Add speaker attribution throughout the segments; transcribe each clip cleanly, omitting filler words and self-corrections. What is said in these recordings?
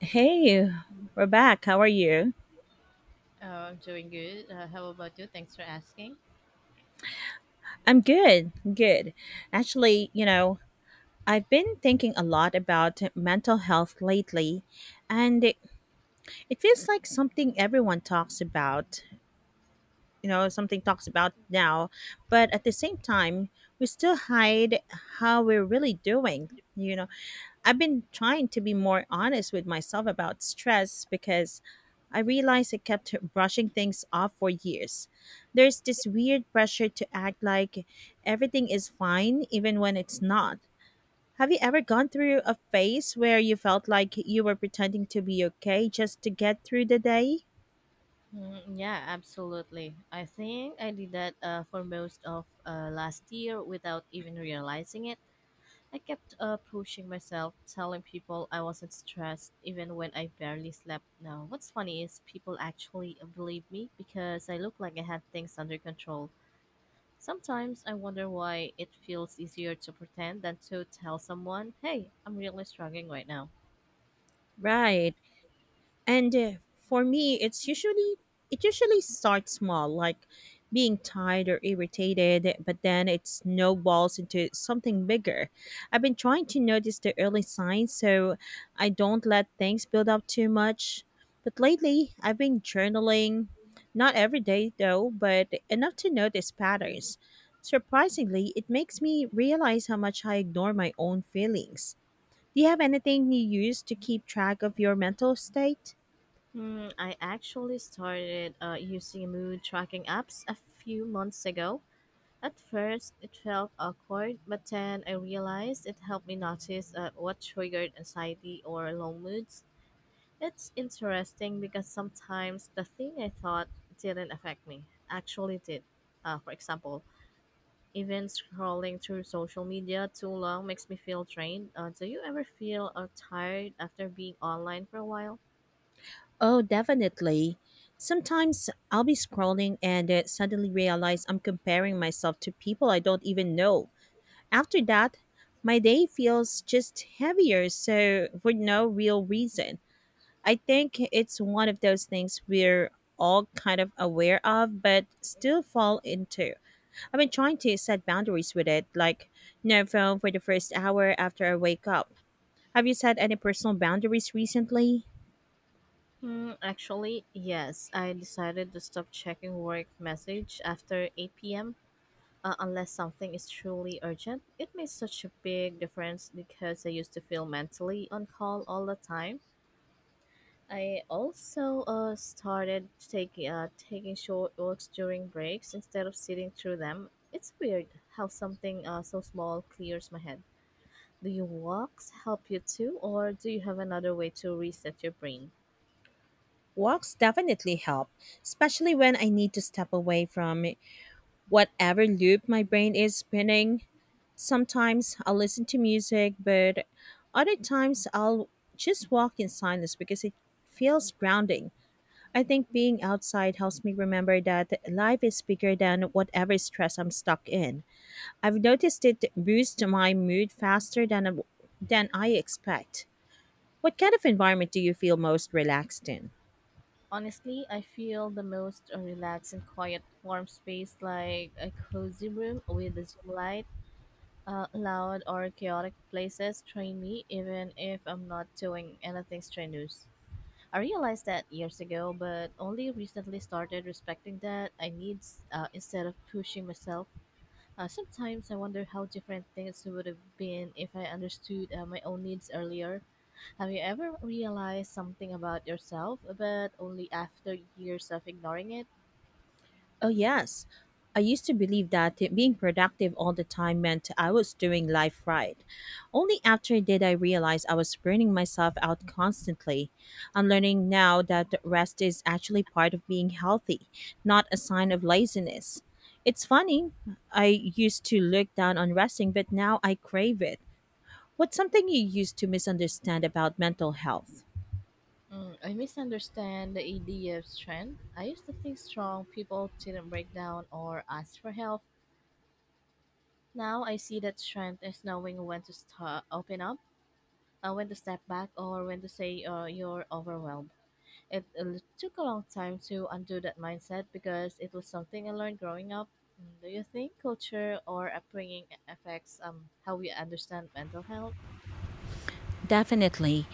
Speaker 1: Hey, we're back. How are you?
Speaker 2: Oh, I'm doing good. How about you? Thanks for asking.
Speaker 1: I'm good. I'm good. Actually, I've been thinking a lot about mental health lately, and it feels like something everyone talks about, you know, something talks about now, but at the same time, we still hide how we're really doing. You know, I've been trying to be more honest with myself about stress because I realized I kept brushing things off for years. There's this weird pressure to act like everything is fine even when it's not. Have you ever gone through a phase where you felt like you were pretending to be okay just to get through the day?
Speaker 2: Yeah, absolutely. I think I did that for most of last year without even realizing it. I kept pushing myself, telling people I wasn't stressed even when I barely slept. Now, what's funny is people actually believe me because I look like I had things under control. Sometimes I wonder why it feels easier to pretend than to tell someone, hey, I'm really struggling right now.
Speaker 1: Right. And For me, it usually starts small, like being tired or irritated, but then it snowballs into something bigger. I've been trying to notice the early signs so I don't let things build up too much. But lately, I've been journaling, not every day though, but enough to notice patterns. Surprisingly, it makes me realize how much I ignore my own feelings. Do you have anything you use to keep track of your mental state?
Speaker 2: I actually started using mood tracking apps a few months ago. At first, it felt awkward, but then I realized it helped me notice what triggered anxiety or low moods. It's interesting because sometimes the thing I thought didn't affect me actually did. For example, even scrolling through social media too long makes me feel drained. Do you ever feel tired after being online for a while?
Speaker 1: Oh, definitely. Sometimes I'll be scrolling and suddenly realize I'm comparing myself to people I don't even know. After that, my day feels just heavier, so for no real reason. I think it's one of those things we're all kind of aware of, but still fall into. I've been trying to set boundaries with it, like no phone for the first hour after I wake up. Have you set any personal boundaries recently?
Speaker 2: Actually, yes. I decided to stop checking work message after 8 p.m. Unless something is truly urgent. It made such a big difference because I used to feel mentally on call all the time. I also started taking short walks during breaks instead of sitting through them. It's weird how something so small clears my head. Do your walks help you too, or do you have another way to reset your brain?
Speaker 1: Walks definitely help, especially when I need to step away from whatever loop my brain is spinning. Sometimes I'll listen to music, but other times I'll just walk in silence because it feels grounding. I think being outside helps me remember that life is bigger than whatever stress I'm stuck in. I've noticed it boosts my mood faster than I expect. What kind of environment do you feel most relaxed in?
Speaker 2: Honestly, I feel the most relaxed in quiet warm space like a cozy room with a dim light. Loud or chaotic places train me even if I'm not doing anything strenuous. I realized that years ago, but only recently started respecting that I need instead of pushing myself. Sometimes I wonder how different things would have been if I understood my own needs earlier. Have you ever realized something about yourself, but only after years of ignoring it?
Speaker 1: Oh, yes. I used to believe that being productive all the time meant I was doing life right. Only after did I realize I was burning myself out constantly. I'm learning now that rest is actually part of being healthy, not a sign of laziness. It's funny, I used to look down on resting, but now I crave it. What's something you used to misunderstand about mental health?
Speaker 2: I misunderstand the idea of strength. I used to think strong people didn't break down or ask for help. Now I see that strength is knowing when to stop, open up, when to step back, or when to say you're overwhelmed. It took a long time to undo that mindset because it was something I learned growing up. Do you think culture or upbringing affects how we understand mental health?
Speaker 1: Definitely.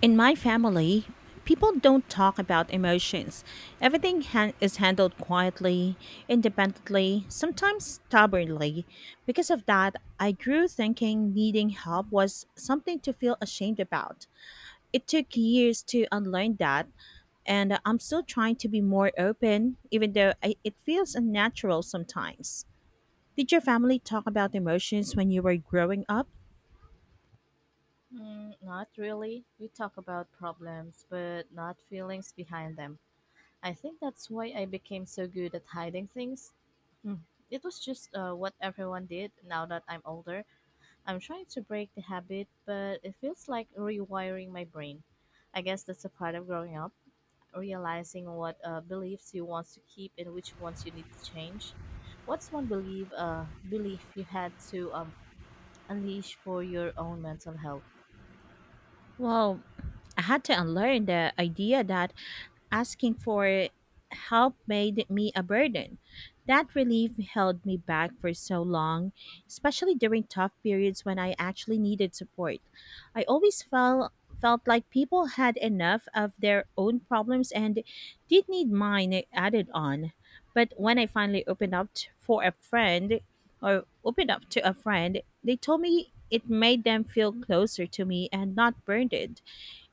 Speaker 1: In my family, people don't talk about emotions. Everything is handled quietly, independently, sometimes stubbornly. Because of that, I grew thinking needing help was something to feel ashamed about. It took years to unlearn that, and I'm still trying to be more open, even though it feels unnatural sometimes. Did your family talk about emotions when you were growing up?
Speaker 2: Not really. We talk about problems, but not feelings behind them. I think that's why I became so good at hiding things. Mm, It was just what everyone did now that I'm older. I'm trying to break the habit, but it feels like rewiring my brain. I guess that's a part of growing up, realizing what beliefs you want to keep and which ones you need to change. What's one belief you had to unleash for your own mental health?
Speaker 1: Well, I had to unlearn the idea that asking for help made me a burden. That relief held me back for so long, especially during tough periods when I actually needed support. I always felt like people had enough of their own problems and did need mine added on. But when I finally opened up to a friend, they told me it made them feel closer to me and not burdened.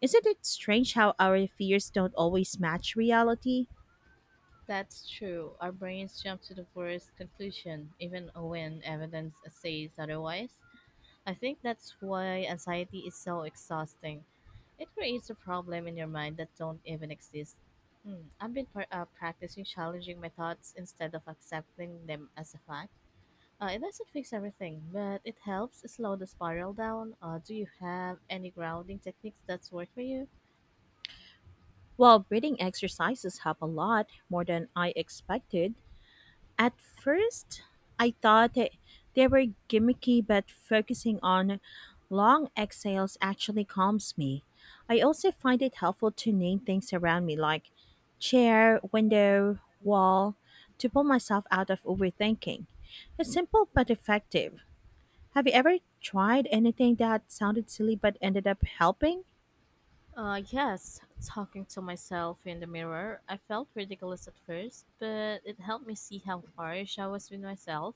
Speaker 1: Isn't it strange how our fears don't always match reality?
Speaker 2: That's true. Our brains jump to the worst conclusion, even when evidence says otherwise. I think that's why anxiety is so exhausting. It creates a problem in your mind that don't even exist. I've been practicing challenging my thoughts instead of accepting them as a fact. It doesn't fix everything, but it helps slow the spiral down. Do you have any grounding techniques that's work for you?
Speaker 1: Well, breathing exercises help a lot more than I expected. At first, I thought that they were gimmicky, but focusing on long exhales actually calms me. I also find it helpful to name things around me like chair, window, wall to pull myself out of overthinking. It's simple but effective. Have you ever tried anything that sounded silly but ended up helping?
Speaker 2: Yes, talking to myself in the mirror, I felt ridiculous at first, but it helped me see how harsh I was with myself.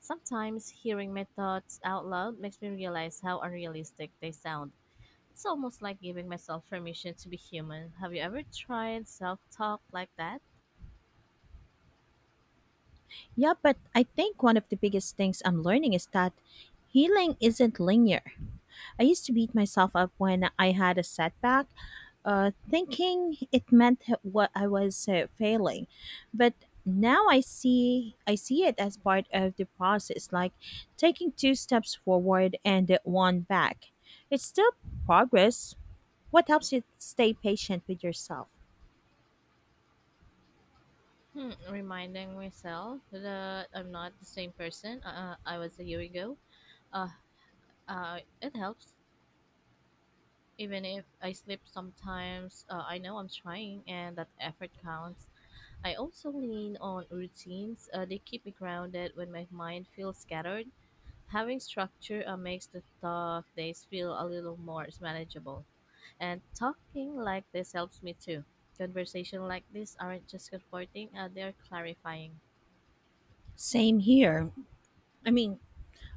Speaker 2: Sometimes hearing my thoughts out loud makes me realize how unrealistic they sound. It's almost like giving myself permission to be human. Have you ever tried self talk like that?
Speaker 1: Yeah, but I think one of the biggest things I'm learning is that healing isn't linear. I used to beat myself up when I had a setback, thinking it meant what I was failing. But now I see it as part of the process, like taking two steps forward and one back. It's still progress. What helps you stay patient with yourself?
Speaker 2: Reminding myself that I'm not the same person I was a year ago. Uh, it helps. Even if I slip sometimes, I know I'm trying and that effort counts. I also lean on routines. They keep me grounded when my mind feels scattered. Having structure makes the tough days feel a little more manageable. And talking like this helps me too. Conversation like this aren't just comforting, they're clarifying.
Speaker 1: Same here. I mean,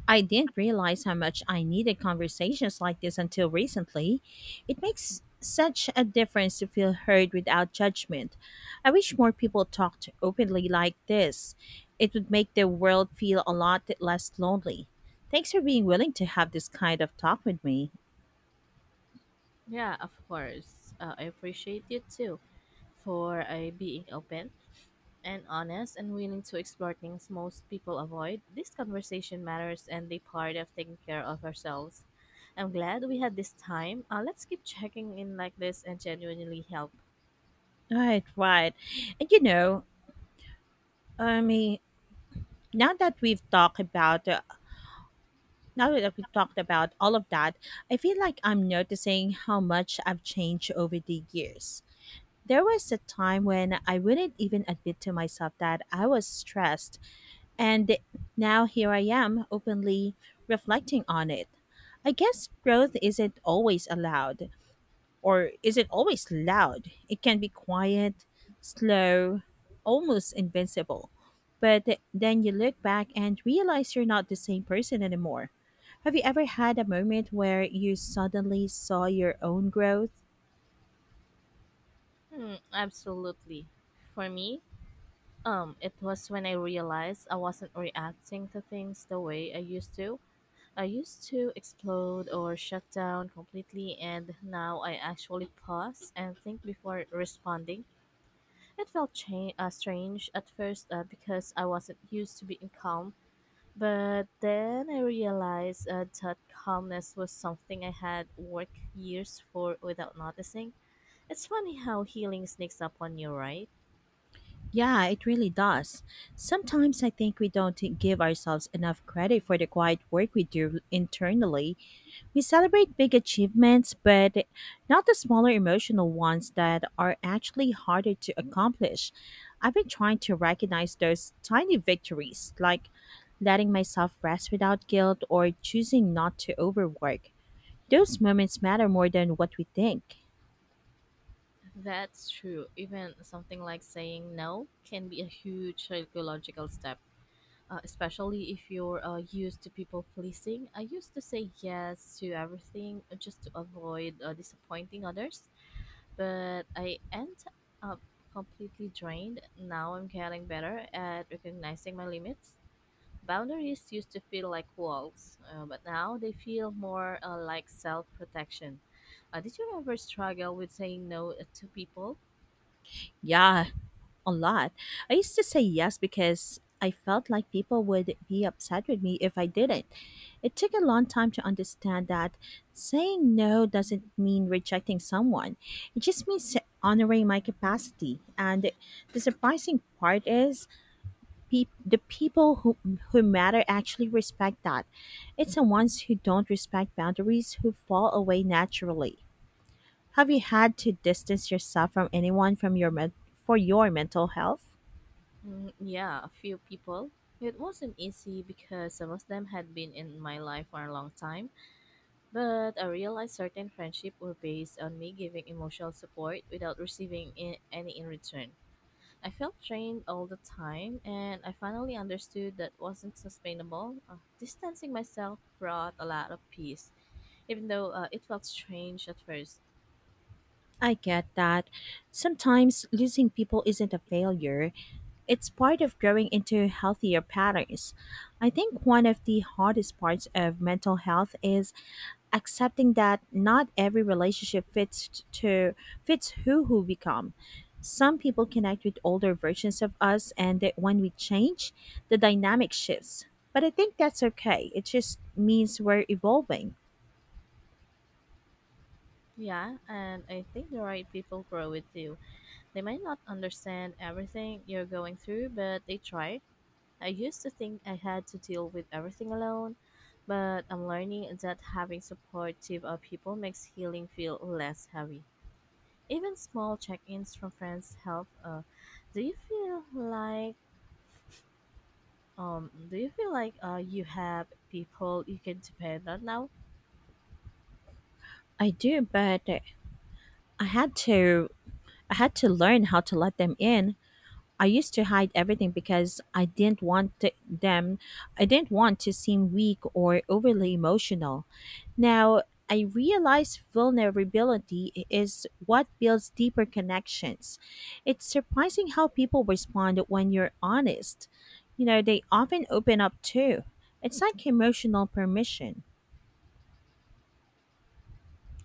Speaker 1: I didn't realize how much I needed conversations like this until recently. It makes such a difference to feel heard without judgment. I wish more people talked openly like this. It would make the world feel a lot less lonely. Thanks for being willing to have this kind of talk with me.
Speaker 2: Yeah, of course. I appreciate you too for being open and honest and willing to explore things most people avoid, this conversation matters and the part of taking care of ourselves. I'm glad we had this time. Let's keep checking in like this and genuinely help.
Speaker 1: Right, right. And you know, I mean, now that we've talked about uh, now that we've talked about all of that, I feel like I'm noticing how much I've changed over the years. There was a time when I wouldn't even admit to myself that I was stressed, and now here I am openly reflecting on it. I guess growth isn't always loud. It can be quiet, slow, almost invincible. But then you look back and realize you're not the same person anymore. Have you ever had a moment where you suddenly saw your own growth?
Speaker 2: Absolutely. For me, it was when I realized I wasn't reacting to things the way I used to. I used to explode or shut down completely, and now I actually pause and think before responding. It felt strange at first because I wasn't used to being calm, but then I realized that calmness was something I had worked years for without noticing. It's funny how healing sneaks up on you, right?
Speaker 1: Yeah, it really does. Sometimes I think we don't give ourselves enough credit for the quiet work we do internally. We celebrate big achievements, but not the smaller emotional ones that are actually harder to accomplish. I've been trying to recognize those tiny victories, like letting myself rest without guilt or choosing not to overwork. Those moments matter more than what we think.
Speaker 2: That's true. Even something like saying no can be a huge psychological step. Especially if you're used to people pleasing. I used to say yes to everything just to avoid disappointing others but I end up completely drained. Now I'm getting better at recognizing my limits. Boundaries used to feel like walls, but now they feel more like self protection. Did you ever struggle with saying no to people?
Speaker 1: Yeah, a lot. I used to say yes because I felt like people would be upset with me if I didn't. It took a long time to understand that saying no doesn't mean rejecting someone, it just means honoring my capacity. And the surprising part is pe- the people who, who matter actually respect that. It's the ones who don't respect boundaries who fall away naturally. Have you had to distance yourself from anyone for your mental health?
Speaker 2: Yeah, a few people. It wasn't easy because some of them had been in my life for a long time, but I realized certain friendships were based on me giving emotional support without receiving any in return. I felt drained all the time, and I finally understood that wasn't sustainable. Distancing myself brought a lot of peace, even though it felt strange at first.
Speaker 1: I get that. Sometimes losing people isn't a failure. It's part of growing into healthier patterns. I think one of the hardest parts of mental health is accepting that not every relationship fits t- to fits who we become. Some people connect with older versions of us and that when we change, the dynamic shifts. But I think that's okay. It just means we're evolving.
Speaker 2: Yeah, and I think the right people grow with you. They might not understand everything you're going through, but they try. I used to think I had to deal with everything alone, but I'm learning that having supportive people makes healing feel less heavy. Even small check-ins from friends help. Do you feel like do you feel like you have people you can depend on now?
Speaker 1: I do, but I had to I had to learn how to let them in. I used to hide everything because I didn't want to seem weak or overly emotional. Now, I realize vulnerability is what builds deeper connections. It's surprising how people respond when you're honest. You know, they often open up too. It's like emotional permission.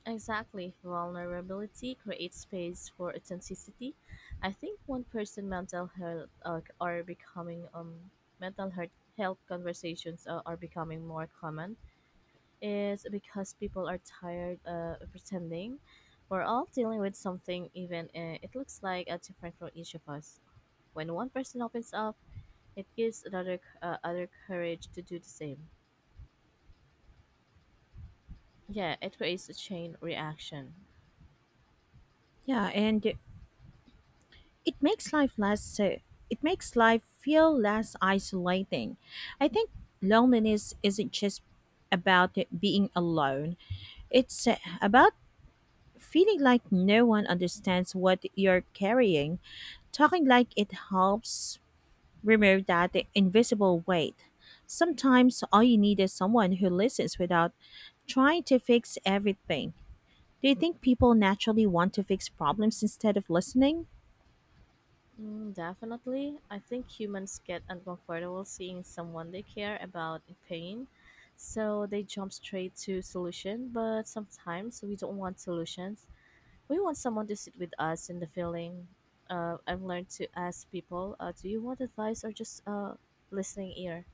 Speaker 2: Exactly. Vulnerability creates space for authenticity. I think one person mental health are becoming mental health conversations are becoming more common is because people are tired of pretending. We're all dealing with something, even it looks like different for each of us. When one person opens up, it gives another other courage to do the same. Yeah, it creates a chain reaction.
Speaker 1: Yeah, and it makes life less uh, it makes life feel less isolating. I think loneliness isn't just about it being alone. It's about feeling like no one understands what you're carrying. Talking like it helps remove that invisible weight. Sometimes all you need is someone who listens without trying to fix everything. Do you think people naturally want to fix problems instead of listening?
Speaker 2: Definitely, I think humans get uncomfortable seeing someone they care about in pain, so they jump straight to solution. But sometimes we don't want solutions. We want someone to sit with us in the feeling. I've learned to ask people, "Do you want advice or just listening ear?"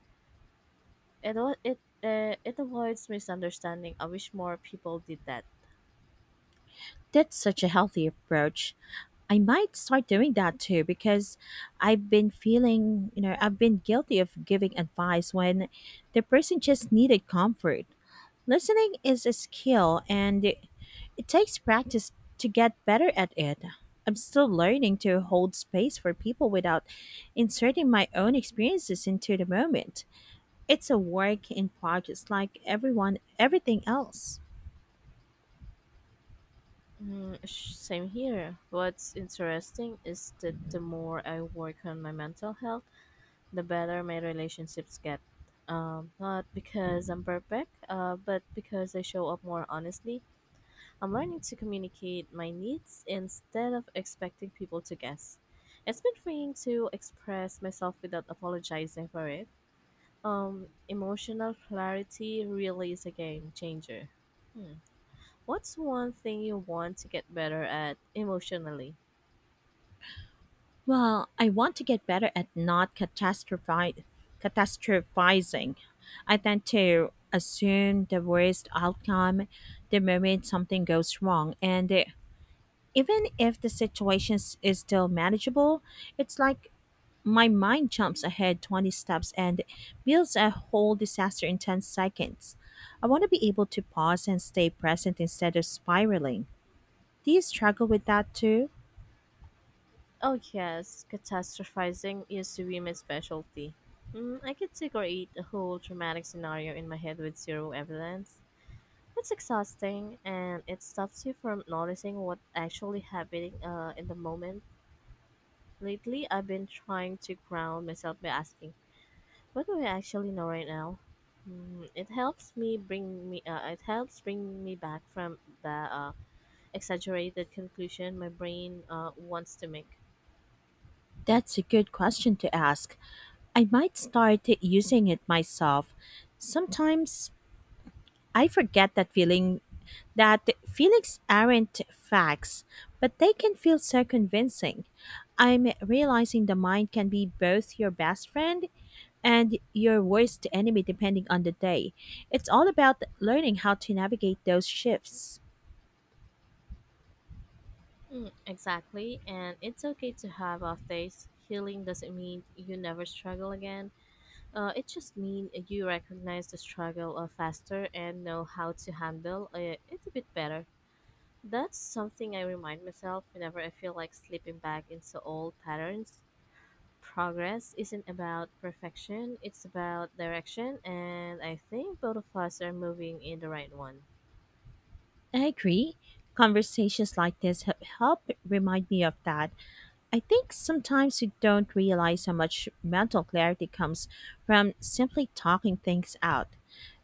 Speaker 2: It wa- it it avoids misunderstanding. I wish more people did that.
Speaker 1: That's such a healthy approach. I might start doing that too because I've been feeling, I've been guilty of giving advice when the person just needed comfort. Listening is a skill and it takes practice to get better at it. I'm still learning to hold space for people without inserting my own experiences into the moment. It's a work in progress like everyone everything else.
Speaker 2: Same here. What's interesting is that the more I work on my mental health, the better my relationships get. Not because I'm perfect, but because I show up more honestly. I'm learning to communicate my needs instead of expecting people to guess. It's been freeing to express myself without apologizing for it. Emotional clarity really is a game changer. Hmm. What's one thing you want to get better at emotionally?
Speaker 1: Well, I want to get better at not catastrophizing. I tend to assume the worst outcome the moment something goes wrong. And even if the is still manageable, it's like my mind jumps ahead 20 steps and builds a whole disaster in 10 seconds. I want to be able to pause and stay present instead of spiraling. Do you struggle with that too?
Speaker 2: Oh yes, catastrophizing used to be my specialty. I could decorate a whole dramatic scenario in my head with zero evidence. It's exhausting, and it stops you from noticing what actually happening in the moment. Lately, I've been trying to ground myself by asking, what do I actually know right now? Mm, it helps me bring me. It helps bring me back from the exaggerated conclusion my brain wants to make.
Speaker 1: That's a good question to ask. I might start using it myself. Sometimes I forget that feeling that feelings aren't facts, but they can feel so convincing. I'm realizing the mind can be both your best friend and your worst enemy depending on the day. It's all about learning how to navigate those shifts.
Speaker 2: Exactly, and it's okay to have off days. Healing doesn't mean you never struggle again. It just means you recognize the struggle faster and know how to handle it a bit better. That's something I remind myself whenever I feel like slipping back into old patterns. Progress isn't about perfection, it's about direction, and I think both of us are moving in the right one.
Speaker 1: I agree. Conversations like help remind me of that. I think sometimes you don't realize how much mental clarity comes from simply talking things out.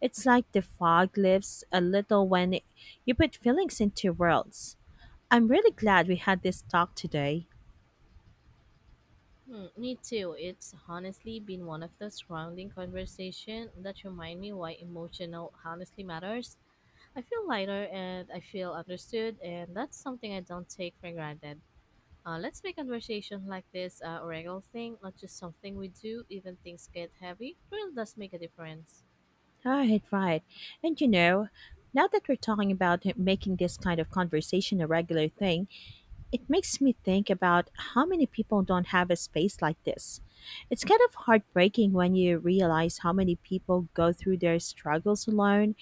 Speaker 1: It's like the fog lifts a little when you put feelings into words. I'm really glad we had this talk today.
Speaker 2: Me too. It's honestly been one of those grounding conversations that remind me why emotional honestly matters. I feel lighter and I feel understood, and that's something I don't take for granted. Let's make conversation like this a regular thing, not just something we do, even things get heavy. It really does make a difference.
Speaker 1: Right, right. And you know, now that we're talking about making this kind of conversation a regular thing, it makes me think about how many people don't have a space like this. It's kind of heartbreaking when you realize how many people go through their struggles alone,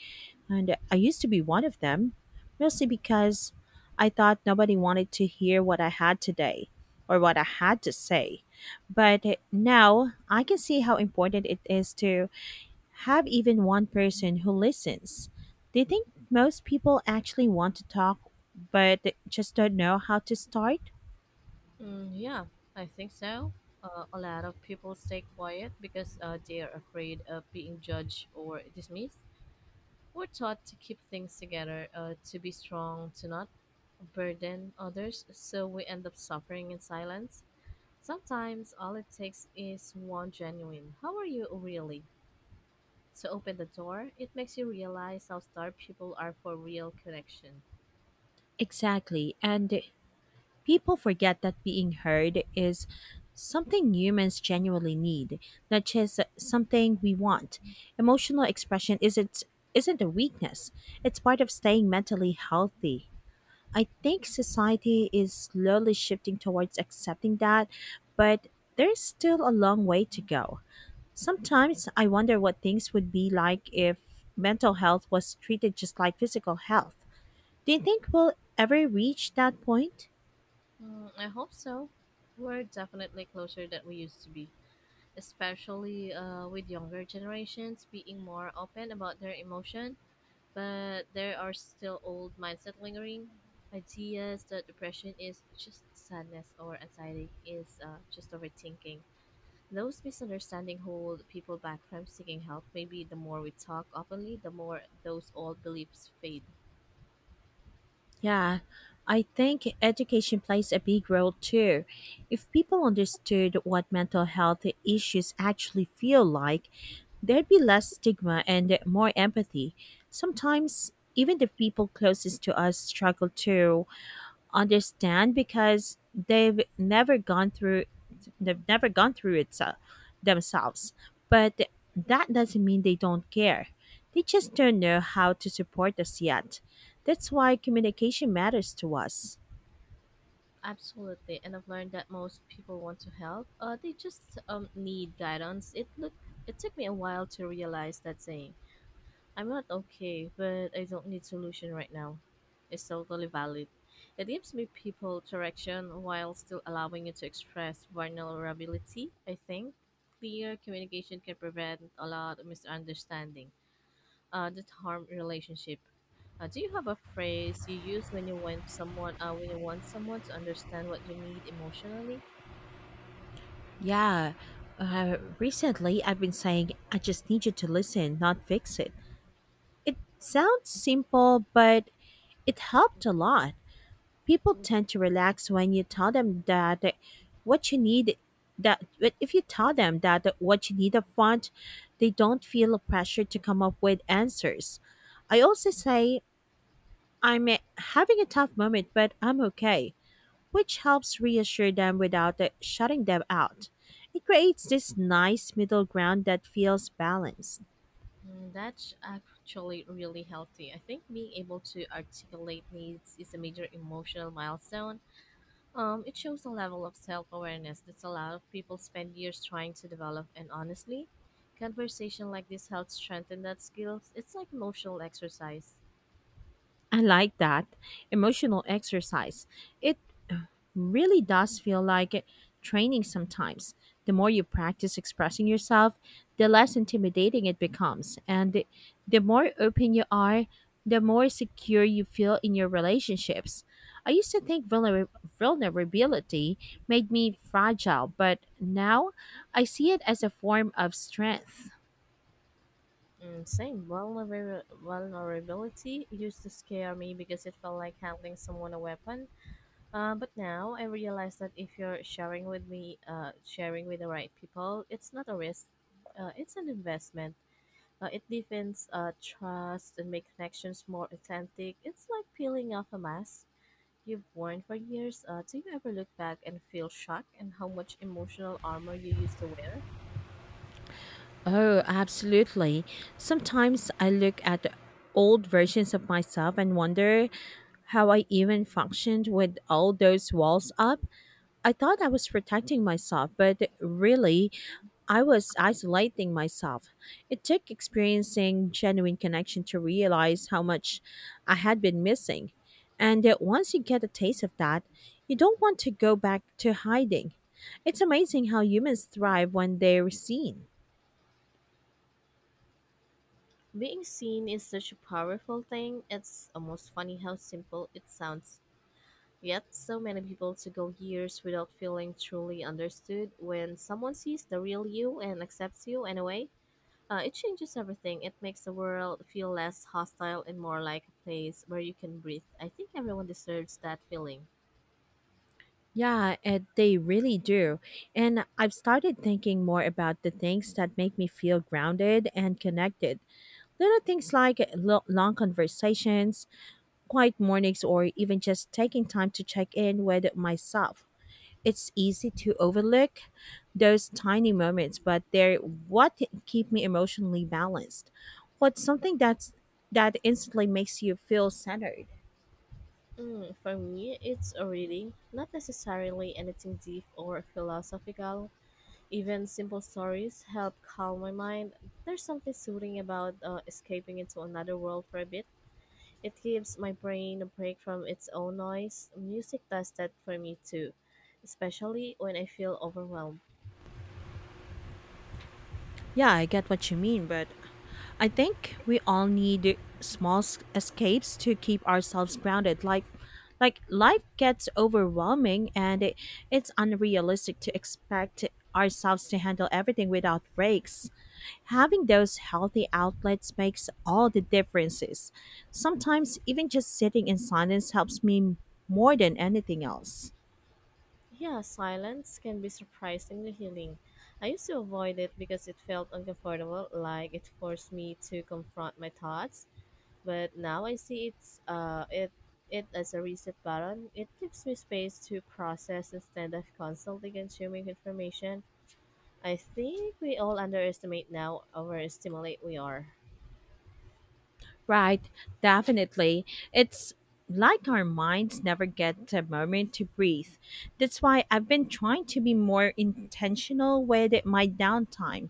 Speaker 1: and I used to be one of them, mostly because I thought nobody wanted to hear what I had to say. But now I can see how important it is to have even one person who listens. Do you think most people actually want to talk but just don't know how to start?
Speaker 2: Yeah, I think so. A lot of people stay quiet because they are afraid of being judged or dismissed. We're taught to keep things together, to be strong, to not burden others, so we end up suffering in silence. Sometimes all it takes is one genuine, how are you really? To open the door. It makes you realize how starved people are for real connection.
Speaker 1: Exactly. And people forget that being heard is something humans genuinely need, not just something we want. Emotional expression isn't a weakness. It's part of staying mentally healthy. I think society is slowly shifting towards accepting that, but there's still a long way to go. Sometimes I wonder what things would be like if mental health was treated just like physical health. Do you think we'll ever reach that point?
Speaker 2: Mm, I hope so. We're definitely closer than we used to be, especially with younger generations being more open about their emotion, but there are still old mindset lingering ideas that depression is just sadness or anxiety is just overthinking. Those misunderstandings hold people back from seeking help. Maybe the more we talk openly, the more those old beliefs fade.
Speaker 1: Yeah, I think education plays a big role too. If people understood what mental health issues actually feel like, there'd be less stigma and more empathy. Sometimes, even the people closest to us struggle too understand because they've never gone through they've never gone through themselves, but that doesn't mean they don't care. They just don't know how to support us yet. That's why communication matters to us.
Speaker 2: Absolutely, and I've learned that most people want to help. They just need guidance. It took me a while to realize that saying, I'm not okay, but I don't need solution right now, it's totally valid. It gives me people direction while still allowing you to express vulnerability, I think. Clear communication can prevent a lot of misunderstanding that harm relationship. Do you have a phrase you use when you want someone when you want someone to understand what you need emotionally?
Speaker 1: Yeah, recently I've been saying I just need you to listen, not fix it. It sounds simple, but it helped a lot. People tend to relax when you tell them that what you need that but if you tell them that what you need up front, they don't feel a pressure to come up with answers. I also say I'm having a tough moment, but I'm okay, which helps reassure them without shutting them out. It creates this nice middle ground that feels balanced.
Speaker 2: Mm, that's actually really healthy. I think being able to articulate needs is a major emotional milestone. It shows a level of self awareness that a lot of people spend years trying to develop, and honestly, conversation like this helps strengthen that skills. It's like emotional exercise.
Speaker 1: I like that, emotional exercise. It really does feel like training sometimes. The more you practice expressing yourself, the less intimidating it becomes. And the more open you are, the more secure you feel in your relationships. I used to think vulnerability made me fragile, but now I see it as a form of strength.
Speaker 2: Mm, same. Vulnerability used to scare me because it felt like handing someone a weapon. But now I realize that if you're sharing with me, sharing with the right people, it's not a risk. It's an investment. It deepens trust and make connections more authentic. It's like peeling off a mask you've worn for years. Do you ever look back and feel shocked and how much emotional armor you used to wear?
Speaker 1: Oh, absolutely. Sometimes I look at old versions of myself and wonder how I even functioned with all those walls up. I thought I was protecting myself, but really, I was isolating myself. It took experiencing genuine connection to realize how much I had been missing. And that once you get a taste of that, you don't want to go back to hiding. It's amazing how humans thrive when they're seen.
Speaker 2: Being seen is such a powerful thing. It's almost funny how simple it sounds. Yet, so many people to go years without feeling truly understood. When someone sees the real you and accepts you anyway, it changes everything. It makes the world feel less hostile and more like a place where you can breathe. I think everyone deserves that feeling.
Speaker 1: Yeah, it, they really do. And I've started thinking more about the things that make me feel grounded and connected. Little things like long conversations, quiet mornings, or even just taking time to check in with myself. It's easy to overlook those tiny moments, but they're what keep me emotionally balanced. What's something that's that instantly makes you feel centered?
Speaker 2: Mm, for me, it's a reading, not necessarily anything deep or philosophical. Even simple stories help calm my mind. There's something soothing about escaping into another world for a bit. It gives my brain a break from its own noise. Music does that for me too, especially when I feel overwhelmed.
Speaker 1: Yeah, I get what you mean, but I think we all need small escapes to keep ourselves grounded. Like life gets overwhelming, and it's unrealistic to expect ourselves to handle everything without breaks. Having those healthy outlets makes all the differences. Sometimes even just sitting in silence helps me more than anything else.
Speaker 2: Yeah, silence can be surprisingly healing. I used to avoid it because it felt uncomfortable, like it forced me to confront my thoughts, but now I see it as a reset button. It gives me space to process instead of constantly consuming information. I think we all underestimate now overestimate we are.
Speaker 1: Right, definitely. It's like our minds never get a moment to breathe. That's why I've been trying to be more intentional with my downtime.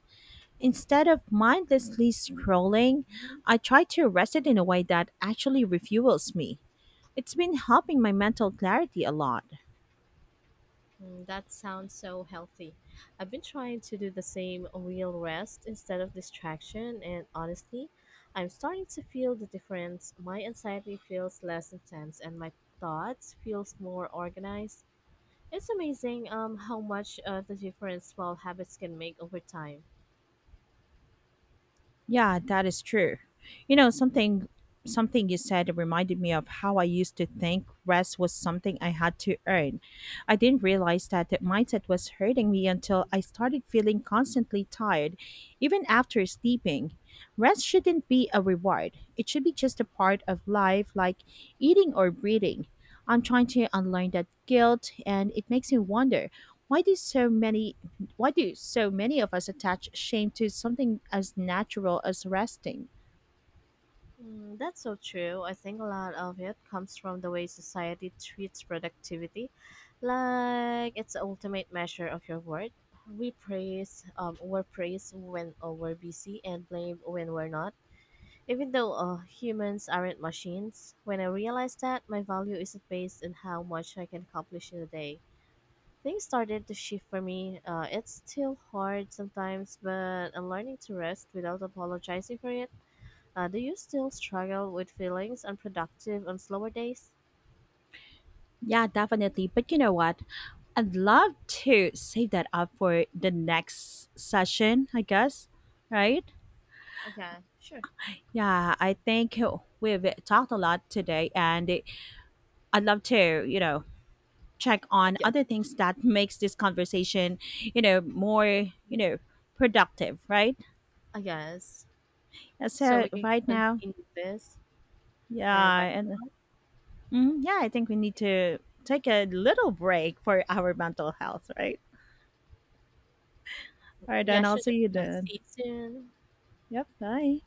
Speaker 1: Instead of mindlessly scrolling,
Speaker 2: Mm,
Speaker 1: I try to rest it in a way that actually refuels me. It's been helping my mental clarity a lot.
Speaker 2: that sounds so healthy. I've been trying to do the same, real rest instead of distraction, and honestly, I'm starting to feel the difference. My anxiety feels less intense, and my thoughts feels more organized. It's amazing how much of the different small habits can make over time.
Speaker 1: Yeah, that is true. You know, something you said reminded me of how I used to think rest was something I had to earn. I didn't realize that mindset was hurting me until I started feeling constantly tired even after sleeping. Rest shouldn't be a reward. It should be just a part of life, like eating or breathing. I'm trying to unlearn that guilt, and it makes me wonder why do so many why do so many of us attach shame to something as natural as resting?
Speaker 2: Mm, that's so true. I think a lot of it comes from the way society treats productivity, like it's the ultimate measure of your worth. We're praised when we're busy and blame when we're not. Even though humans aren't machines, when I realized that my value isn't based on how much I can accomplish in a day, things started to shift for me. It's still hard sometimes, but I'm learning to rest without apologizing for it. Do you still struggle with feelings unproductive on slower days?
Speaker 1: Yeah, definitely. But you know what? I'd love to save that up for the next session, I guess, right?
Speaker 2: Okay, sure.
Speaker 1: Yeah, I think we've talked a lot today, and I'd love to, you know, check on
Speaker 2: Yeah.
Speaker 1: other things that makes this conversation, you know, more, you
Speaker 2: Yeah.
Speaker 1: know, productive, right?
Speaker 2: I guess.
Speaker 1: And
Speaker 2: So
Speaker 1: so
Speaker 2: we can
Speaker 1: right now,
Speaker 2: continue this, and
Speaker 1: yeah,
Speaker 2: by.
Speaker 1: and yeah, I think we need to take a little break for our mental health, right? All right, then
Speaker 2: Yeah,
Speaker 1: I'll
Speaker 2: should
Speaker 1: see you then.
Speaker 2: see you soon.
Speaker 1: Yep, bye.